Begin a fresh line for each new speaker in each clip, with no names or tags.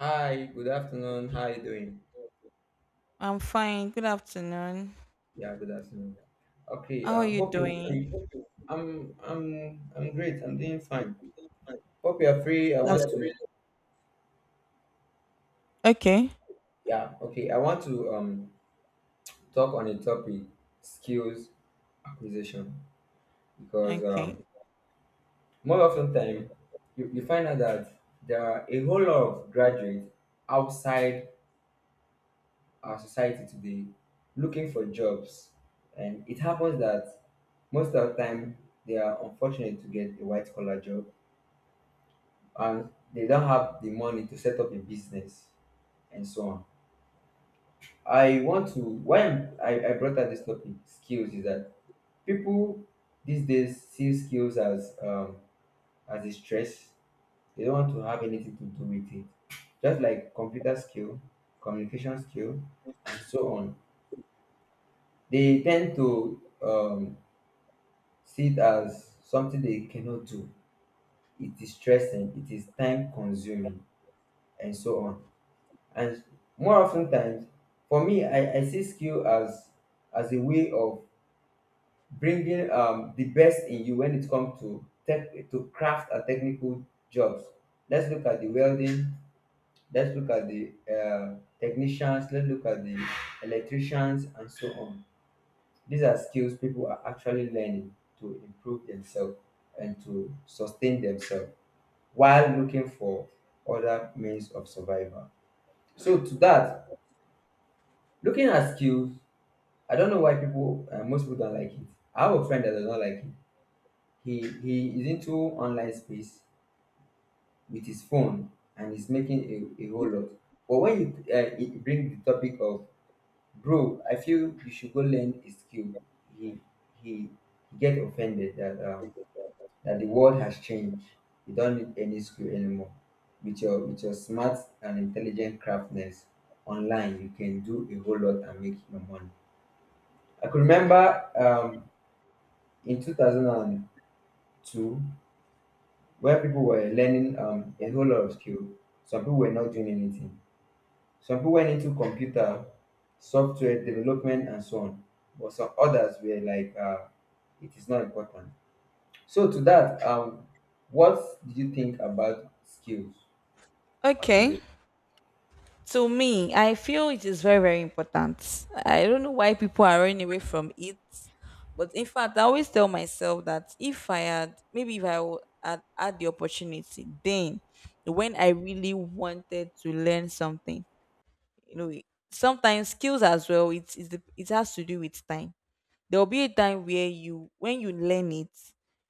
Hi, good afternoon. How you doing?
I'm fine. Good afternoon.
Yeah, good afternoon. Okay,
How are you
hope you're free.
doing?
I'm great. I'm doing fine. Hope you're free. I
That's
want
good.
to,
Okay.
yeah, okay, I want to talk on a topic, skills acquisition, because
Okay.
more often time, you find out that there are a whole lot of graduates outside our society today looking for jobs, and it happens that most of the time, they are unfortunate to get a white collar job, and they don't have the money to set up a business, and so on. I brought up this topic, skills, is that people these days see skills as a stress. They don't want to have anything to do with it. Just like computer skill, communication skill, and so on. They tend to see it as something they cannot do. It is stressing, it is time consuming, and so on. And more often times, for me, I see skill as a way of bringing the best in you when it comes to tech, to craft and technical jobs. Let's look at the welding. Let's look at the technicians. Let's look at the electricians, and so on. These are skills people are actually learning to improve themselves, and to sustain themselves while looking for other means of survival. So to that, looking at skills, I don't know why most people don't like it. I have a friend that does not like it. He is into online space with his phone, and he's making a whole lot. But when you it bring the topic of, bro, I feel you should go learn a skill. He he get offended that the world has changed. You don't need any skill anymore. With your smart and intelligent craftness online, you can do a whole lot and make your money. I could remember in 2002 where people were learning a whole lot of skill. Some people were not doing anything. Some people went into computer, software development, and so on. But some others were like, it is not important. So to that, what do you think about skills
Okay.
acquisition?
To me, I feel it is very, very important. I don't know why people are running away from it. But in fact, I always tell myself that if I had, maybe if I w- had had the opportunity, then when I really wanted to learn something, you know, sometimes skills as well, it has to do with time. There will be a time where you when you learn it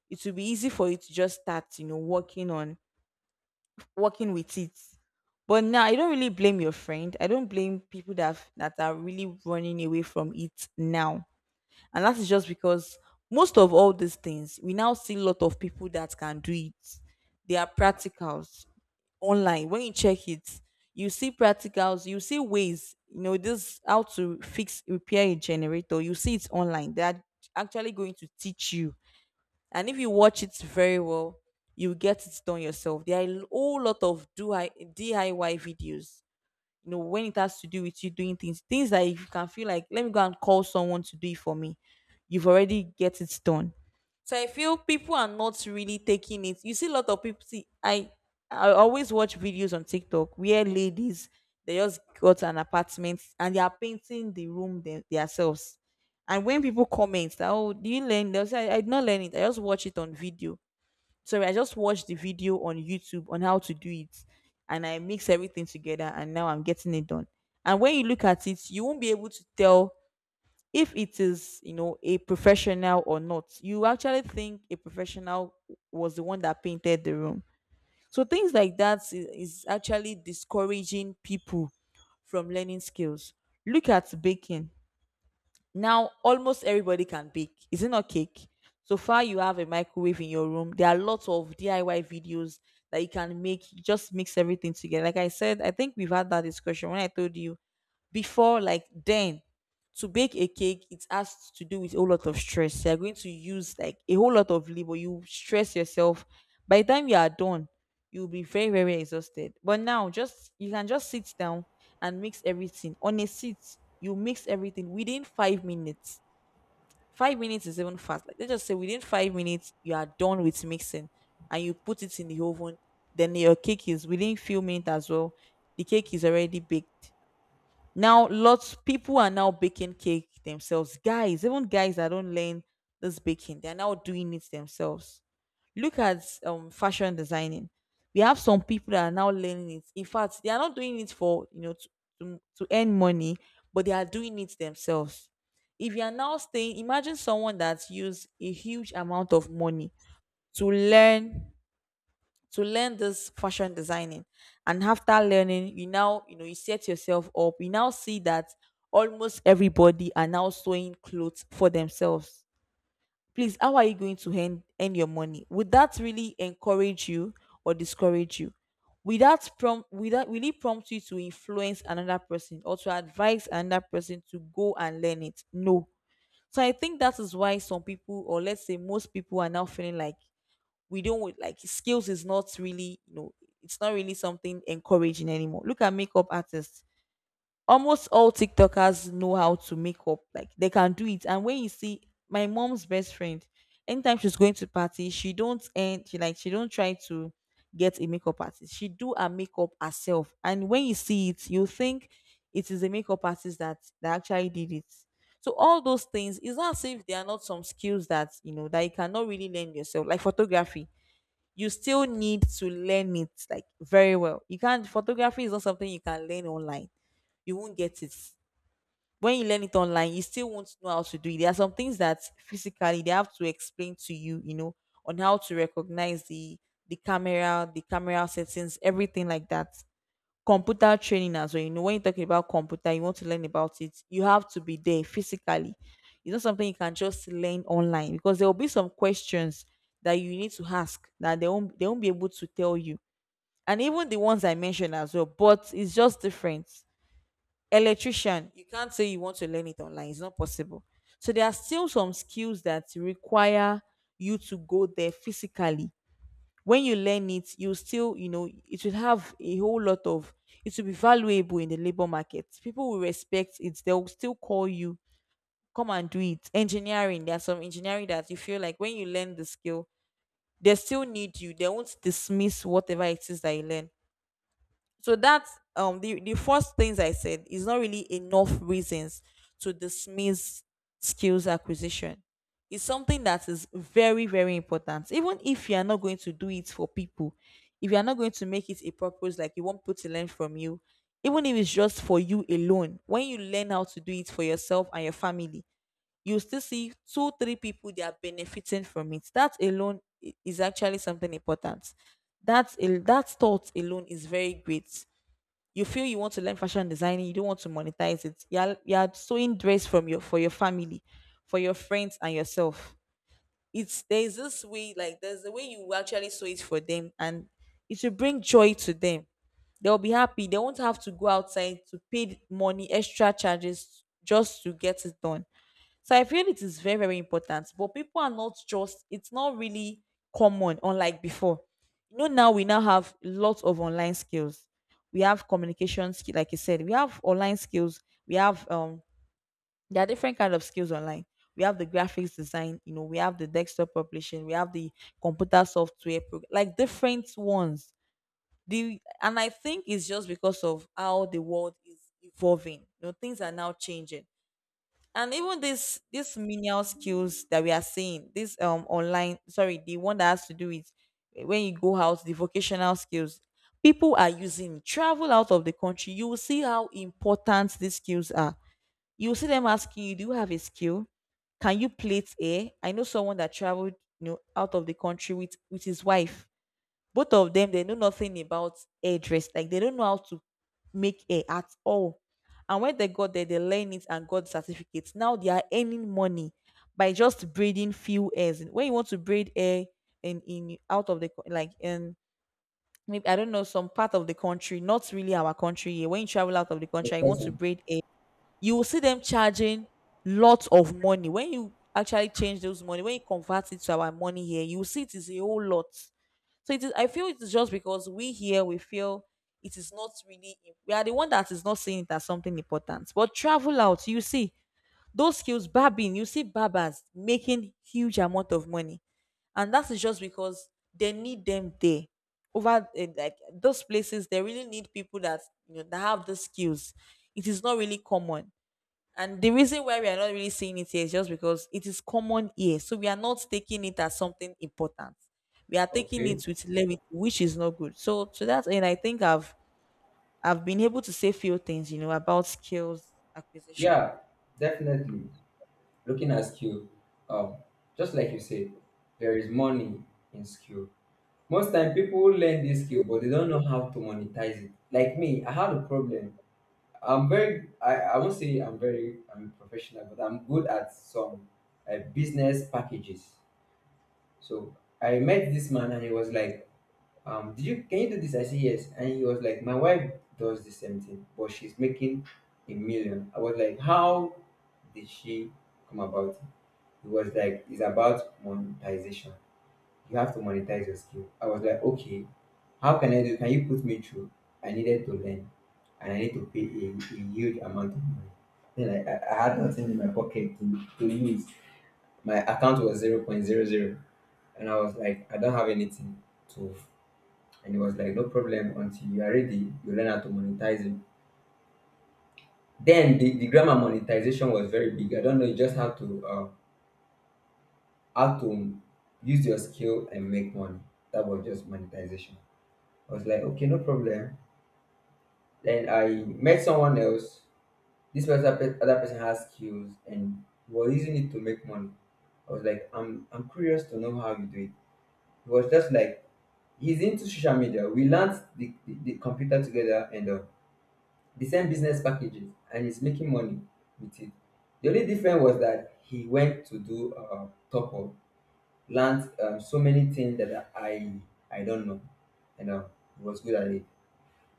it will be easy for you to just start, you know, working with it. But now I don't really blame your friend, I don't blame people that are really running away from it now. And that is just because most of all these things, we now see a lot of people that can do it. They are practicals online. When you check it, you see practicals, you see ways, you know, this how to fix, repair a generator. You see it's online, they're actually going to teach you. And if you watch it very well, you get it done yourself. There are a whole lot of do DIY videos, you know, when it has to do with you doing things that if you can feel like, let me go and call someone to do it for me, you've already get it done. So I feel people are not really taking it. You see a lot of people, see, I always watch videos on TikTok where ladies, they just got an apartment and they are painting the room themselves. And when people comment that, oh, do you learn, they'll say, I did not learn it, I just watch it on video. Sorry, I just watched the video on YouTube on how to do it, and I mix everything together, and now I'm getting it done. And when you look at it, you won't be able to tell if it is, you know, a professional or not. You actually think a professional was the one that painted the room. So things like that is actually discouraging people from learning skills. Look at baking. Now, almost everybody can bake. Is it not cake? So far, you have a microwave in your room. There are lots of DIY videos that you can make. You just mix everything together. Like I said, I think we've had that discussion when I told you before, like then, to bake a cake, it has to do with a whole lot of stress. You're going to use like a whole lot of labor. You stress yourself. By the time you are done, you'll be very, very exhausted. But now, just you can just sit down and mix everything on a seat. You mix everything within 5 minutes. 5 minutes is even fast. Like, let's just say within 5 minutes you are done with mixing, and you put it in the oven, then your cake is within few minutes as well. The cake is already baked. Now, lots people are now baking cake themselves. Guys, even guys that don't learn this baking, they're now doing it themselves. Look at fashion designing. We have some people that are now learning it. In fact, they are not doing it for, you know, to earn money, but they are doing it themselves. If you are now staying, imagine someone that's used a huge amount of money to learn, to learn this fashion designing. And after learning, you now, you know, you set yourself up, you now see that almost everybody are now sewing clothes for themselves. Please, how are you going to earn your money? Would that really encourage you or discourage you? Will that prompt without that really prompt you to influence another person or to advise another person to go and learn it? No. So I think that is why some people, or let's say most people are now feeling like, we don't like, skills is not really, you know, it's not really something encouraging anymore. Look at makeup artists, almost all TikTokers know how to make up, like, they can do it. And when you see my mom's best friend, anytime she's going to party, she don't end she like she don't try to get a makeup artist. She do her makeup herself, and when you see it, you think it is a makeup artist that actually did it. So all those things, is not as if there are not some skills that, you know, that you cannot really learn yourself, like photography. You still need to learn it, like, very well. You can't, photography is not something you can learn online. You won't get it. When you learn it online, you still won't know how to do it. There are some things that physically they have to explain to you, you know, on how to recognize the, the camera settings, everything like that. Computer training as well, you know, when you're talking about computer, you want to learn about it, you have to be there physically. It's not something you can just learn online, because there will be some questions that you need to ask that they won't be able to tell you. And even the ones I mentioned as well, but it's just different. Electrician, you can't say you want to learn it online, it's not possible. So there are still some skills that require you to go there physically. When you learn it, you still, you know, it will have a whole lot of, it will be valuable in the labor market, people will respect it, they'll still call you, come and do it. Engineering. There's some engineering that you feel like when you learn the skill, they still need you, they won't dismiss whatever it is that you learn. So that's the first things I said is not really enough reasons to dismiss skills acquisition. It's something that is very, very important. Even if you are not going to do it for people, if you are not going to make it a purpose, like you want people to learn from you, even if it's just for you alone, when you learn how to do it for yourself and your family, you still see two three people they are benefiting from it. That alone is actually something important. That thought alone is very great. You feel you want to learn fashion designing, you don't want to monetize it. You're sewing dress from your for your family, for your friends and yourself. It's, there's this way, like there's a way you actually sew it for them, and it will bring joy to them. They'll be happy. They won't have to go outside to pay money, extra charges just to get it done. So I feel it is very, very important. But people are not just, it's not really common, unlike before. You know, now we now have lots of online skills. We have communication skill, like you said, we have online skills, we have, there are different kind of skills online. We have the graphics design, you know, we have the desktop publishing, we have the computer software like different ones. The and I think it's just because of how the world is evolving. You know, things are now changing, and even this menial skills that we are seeing, this online sorry the one that has to do with, when you go out, the vocational skills, people are using, travel out of the country, you will see how important these skills are. You will see them asking you, do you have a skill, can you plait hair? I know someone that traveled, you know, out of the country with his wife. Both of them, they know nothing about hairdress, like, they don't know how to make hair at all. And when they got there, they learn it and got certificates. Now they are earning money by just braiding few hairs. When you want to braid hair, in out of the like in, maybe, I don't know, some part of the country, not really our country here. When you travel out of the
It's
country and you want to
important.
braid hair, you will see them charging lots of money. When you actually change those money, when you convert it to our money here, you will see it is a whole lot. So it is. I feel it is just because we here, we feel it is not really. We are the one that is not seeing it as something important. But travel out, you see those skills, barbing. You see barbers making huge amount of money, and that is just because they need them there. Over, like, those places, they really need people that, you know, that have the skills. It is not really common, and the reason why we are not really seeing it here is just because it is common here. So we are not taking it as something important. We are taking it
Okay.
with levity, which is not good. So to that end, I think I've been able to say few things about skills acquisition.
Yeah, definitely. Looking at skill, um, just like you said, there is money in skill. Most time, people learn this skill, but they don't know how to monetize it. Like me, I had a problem. I won't say I'm professional, but I'm good at some business packages. So I met this man, and he was like, did you can you do this? I said yes. And he was like, my wife does the same thing, but she's making a million. I was like, how did she come about it? He was like, it's about monetization. You have to monetize your skill. I was like, okay, how can I do? Can you put me through? I needed to learn, and I need to pay a huge amount of money. Then I had nothing in my pocket to use. My account was 0.00, and I was like, I don't have anything to. And it was like, no problem, until you are ready, you learn how to monetize it. Then the grammar monetization was very big. I don't know, you just have to, how to use your skill and make money. That was just monetization. I was like, okay, no problem. Then I met someone else. This person, other person has skills and was using it to make money. I was like, I'm curious to know how you do it. It was just like, he's into social media. We learned the computer together, and the same business packages, and he's making money with it. The only difference was that he went to do top up, learned so many things that I don't know, and he was good at it.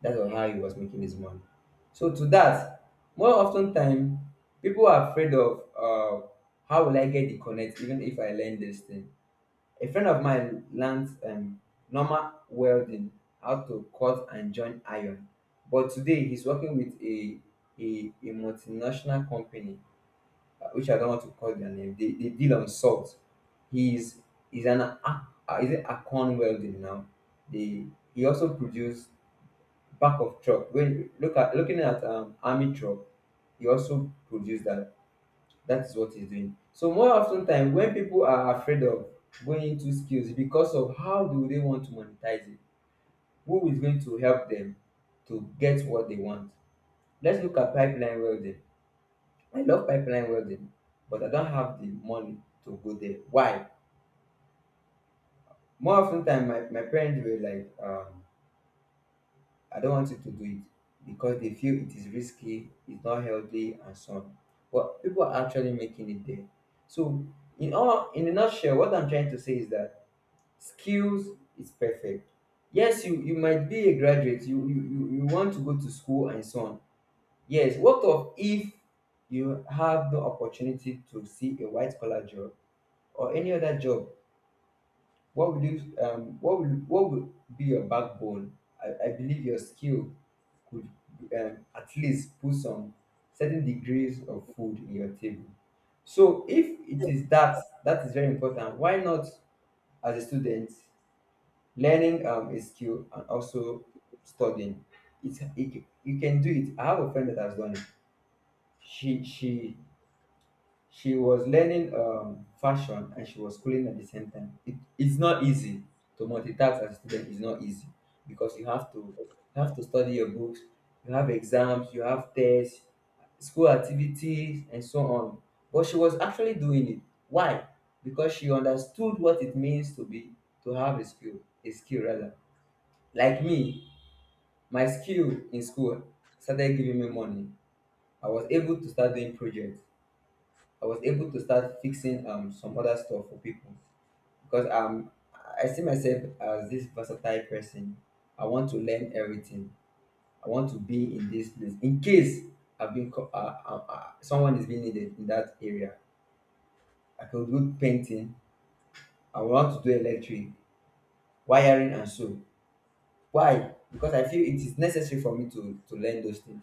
That's on how he was making his money. So to that, more often time, people are afraid of, how will I get the connect even if I learn this thing. A friend of mine learned normal welding, how to cut and join iron. But today he's working with a multinational company, which I don't want to call their name. They deal on salt. He's is an ac- Is it Acon welding now. They He also produced back of truck, when looking at army truck, he also produce that. That is what he's doing. So more often time, when people are afraid of going into skills, because of how do they want to monetize it, who is going to help them to get what they want? Let's look at pipeline welding. I love pipeline welding, but I don't have the money to go there. Why? More often time, my parents were like, I don't want you to do it, because they feel it is risky, it's not healthy, and so on. But people are actually making it there. So, in all, in a nutshell, what I'm trying to say is that skills is perfect. Yes, you might be a graduate, you want to go to school, and so on. Yes, what of if you have the opportunity to see a white collar job or any other job, what will be your backbone? I believe your skill could at least put some certain degrees of food in your table. So if it is that that is very important, why not as a student learning a skill and also studying? You can do it. I have a friend that has done it. She she she was learning fashion, and she was schooling at the same time. It's not easy to multitask as a student. It's not easy because you have to study your books, you have exams, you have tests, school activities, and so on. But she was actually doing it. Why? Because she understood what it means to have a skill rather. Like me, my skill in school started giving me money. I was able to start doing projects. I was able to start fixing some other stuff for people, because I see myself as this versatile person. I want to learn everything. I want to be in this place in case someone is being needed in that area. I can do painting. I want to do electric wiring, and so. Why? Because I feel it is necessary for me to learn those things.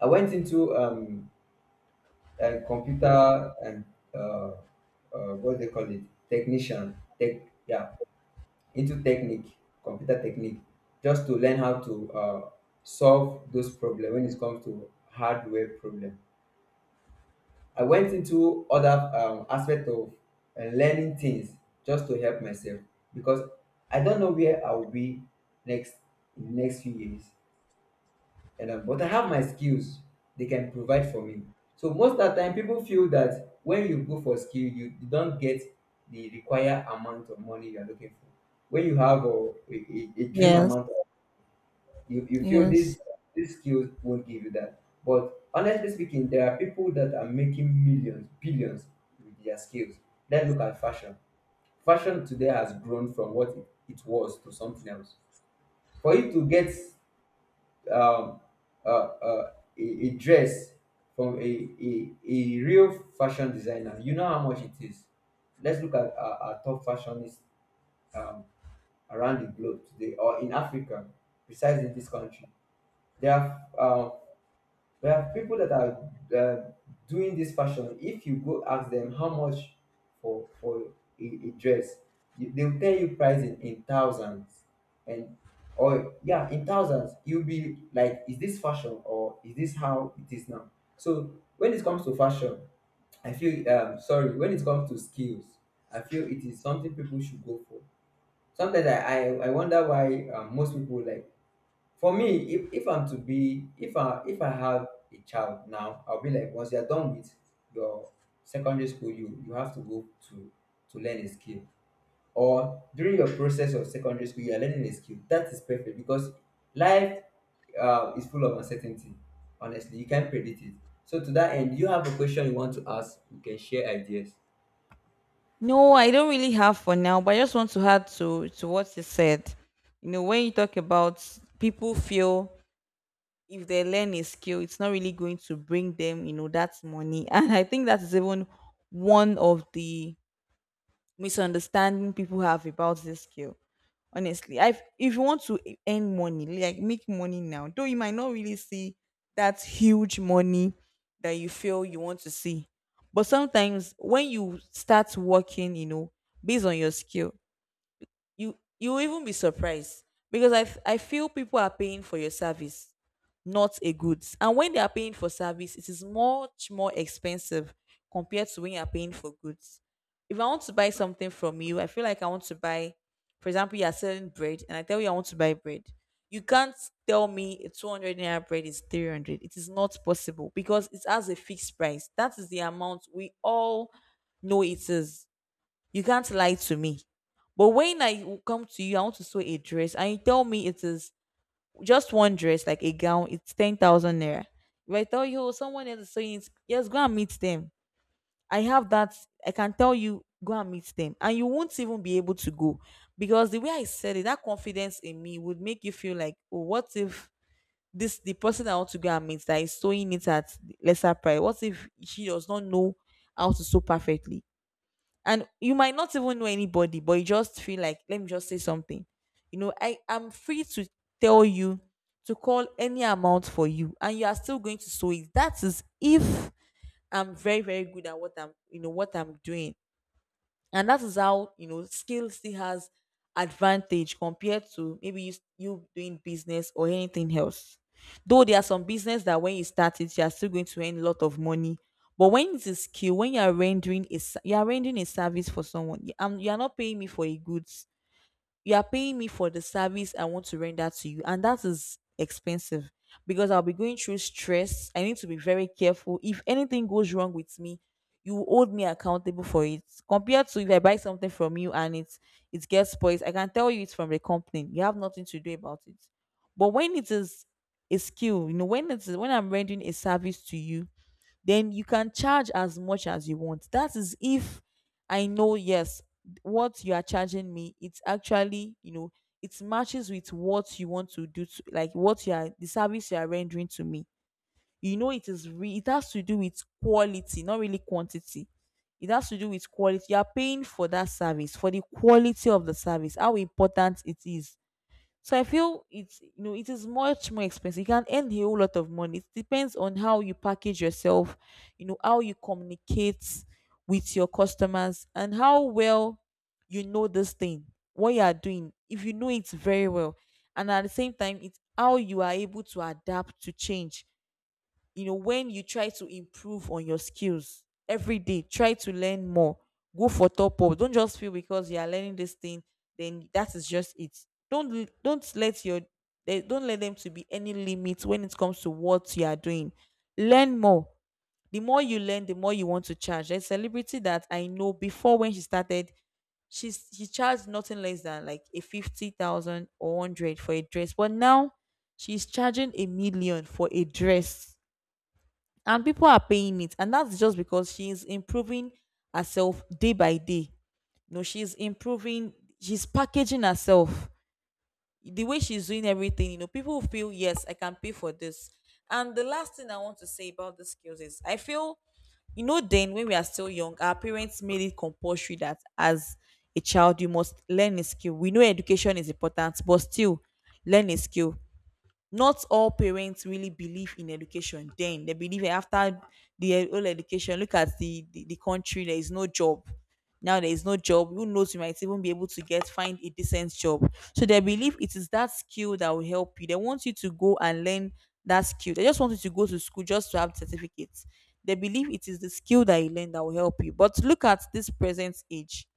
I went into a computer, and uh, what do they call it, technician tech yeah, into technique, computer technique, just to learn how to solve those problems when it comes to hardware problem. I went into other aspect of learning things just to help myself, because I don't know where I will be next in the next few years, and but I have my skills. They can provide for me. So most of the time, people feel that when you go for skill, don't get the required amount of money you are looking for. When you have a dream
Yes.
amount, you feel
Yes.
this skills won't give you that. But honestly speaking, there are people that are making millions, billions with their skills. Let's look at fashion. Fashion today has grown from what it was to something else. For you to get um, uh, uh, a dress from a real fashion designer, you know how much it is. Let's look at our top fashionists um, around the globe today, or in Africa, besides in this country. They are We have people that are uh, doing this fashion. If you go ask them how much for a dress, they'll tell you price in thousands, and or yeah, in thousands. You'll be like, is this fashion, or is this how it is now? So when it comes to fashion, I feel sorry, when it comes to skills, I feel it is something people should go for. Sometimes I wonder why, most people, like for me, if I'm to be, if I have a child now, I'll be like, once you're done with your secondary school, you have to go to learn a skill. Or during your process of secondary school, you're learning a skill, that is perfect, because life is full of uncertainty. Honestly, you can't predict it. So to that end, you have a question you want to ask, you can share ideas.
No, I don't really have for now, but I just want to add to what you said. You know, when you talk about people feel if they learn a skill, it's not really going to bring them that money. And I think that is even one of the misunderstanding people have about this skill. Honestly, I if you want to earn money, like make money now, though you might not really see that huge money that you feel you want to see. But sometimes when you start working based on your skill, you will even be surprised because I feel people are paying for your service, not a goods. And when they are paying for service, it is much more expensive compared to when you are paying for goods. If I want to buy something from you, I feel like I want to buy, for example, you are selling bread, and I tell you I want to buy bread. You can't tell me a 200 naira bread is 300. It is not possible because it has a fixed price. That is the amount we all know it is. You can't lie to me. But when I come to you, I want to sew a dress, and you tell me it is just one dress, like a gown, it's 10,000 naira. If I tell you, "Oh, someone else is sewing it, yes, go and meet them. I have that. I can tell you, go and meet them." And you won't even be able to go because the way I said it, that confidence in me would make you feel like, oh, what if this the person I want to go and meet that is sewing it at lesser price? What if she does not know how to sew perfectly? And you might not even know anybody, but you just feel like let me just say something. I am free to tell you to call any amount for you, and you are still going to sew it. That is if I'm very, very good at what I'm doing. And that is how you know skill still has advantage compared to maybe you doing business or anything else. Though there are some business that when you start it, you are still going to earn a lot of money. But when it's a skill, when you are rendering a service for someone, you are not paying me for a good. You are paying me for the service I want to render to you, and that is expensive because I'll be going through stress. I need to be very careful. If anything goes wrong with me, you will hold me accountable for it. Compared to if I buy something from you and it gets spoiled, I can tell you it's from the company. You have nothing to do about it. But when it is a skill, when I'm rendering a service to you, then you can charge as much as you want. That is if I know, yes, what you are charging me. It's actually, it matches with what you want to do, to, like what you are, the service you are rendering to me. You know, it is, it has to do with quality, not really quantity. It has to do with quality. You are paying for that service, for the quality of the service, how important it is. So I feel it's you know it is much more expensive. You can earn a whole lot of money. It depends on how you package yourself, how you communicate with your customers and how well you know this thing, what you are doing. If you know it very well, and at the same time, it's how you are able to adapt to change when you try to improve on your skills every day. Try to learn more, go for top up. Don't just feel because you are learning this thing, then that is just it. Don't l- don't let your there- Don't let them to be any limit when it comes to what you are doing. Learn more. The more you learn, the more you want to charge. There's a celebrity that I know. Before, when she started, she charged nothing less than like a 50,000 or 100 for a dress, but now she's charging a million for a dress. And people are paying it, and that's just because she's improving herself day by day. She's improving, she's packaging herself. The way she's doing everything, people feel, yes, I can pay for this. And the last thing I want to say about the skills is I feel. Then when we are still young, our parents made it compulsory that as a child you must learn a skill. We know education is important, but still, learn a skill. Not all parents really believe in education. Then they believe that after the whole education, look at the country, there is no job. Now there is no job. Who knows, you might even be able to get find a decent job. So they believe it is that skill that will help you. They want you to go and learn that skill. They just want you to go to school just to have certificates. They believe it is the skill that you learn that will help you. But look at this present age,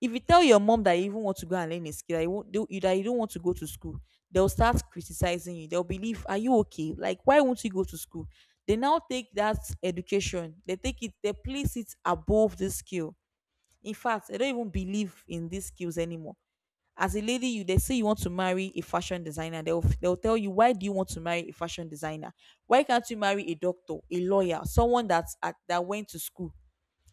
if you tell your mom that you even want to go and learn a skill, that you don't want to go to school, they'll start criticizing you. They'll believe, are you okay? Like, why won't you go to school? They now take that education, they take it, they place it above this skill. In fact, they don't even believe in these skills anymore. As a lady, you they say you want to marry a fashion designer, they'll tell you, why do you want to marry a fashion designer? Why can't you marry a doctor, a lawyer, someone that went to school?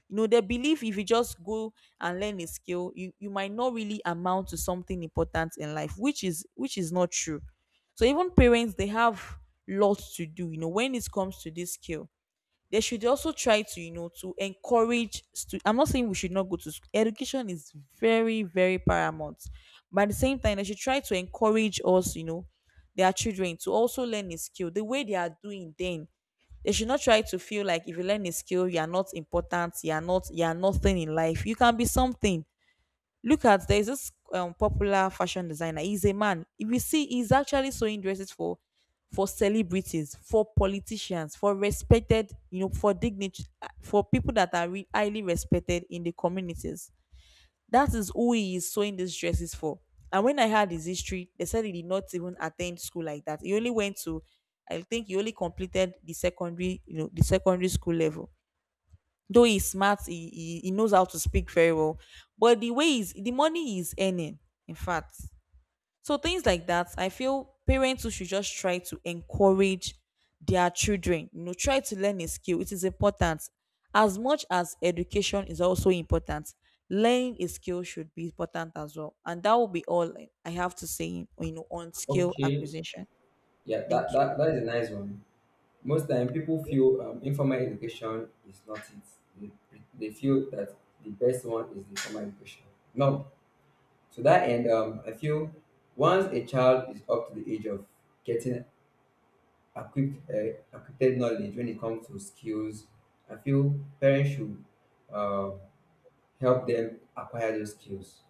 They believe if you just go and learn a skill, you might not really amount to something important in life, which is not true. So even parents, they have lots to do when it comes to this skill. They should also try to you know to encourage I'm not saying we should not go to school. Education is very, very paramount. But at the same time, they should try to encourage us, their children, to also learn a skill the way they are doing then. They should not try to feel like if you learn a skill, you are not important, you are nothing in life. You can be something. Look at, there's this popular fashion designer. He's a man. If you see, he's actually sewing dresses for celebrities, for politicians, for respected you know for dignity, for people that are highly respected in the communities. That is who he is sewing these dresses for. And when I had his history, they said he did not even attend school like that. He only went to, I think he only completed the the secondary school level. Though he's smart, he knows how to speak very well. But the way is the money he's earning, in fact, so things like that, I feel parents who should just try to encourage their children, try to learn a skill. It is important. As much as education is also important, learning a skill should be important as well. And that will be all I have to say, on skill
Okay.
acquisition.
Yeah, that
Thank you.
that, that is a nice one. Most time, people feel informal education is not it. They feel that the best one is the formal education. No, to that end, I feel once a child is up to the age of getting equipped knowledge when it comes to skills, I feel parents should uh, help them acquire those skills.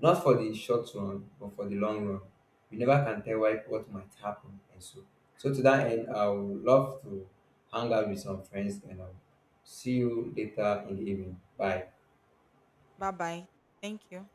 Not for the short run, but for the long run. You never can tell why, what might happen, and so. So to that end, I would love to hang out with some friends, and I'll see you later in the evening. Bye.
Bye bye. Thank you.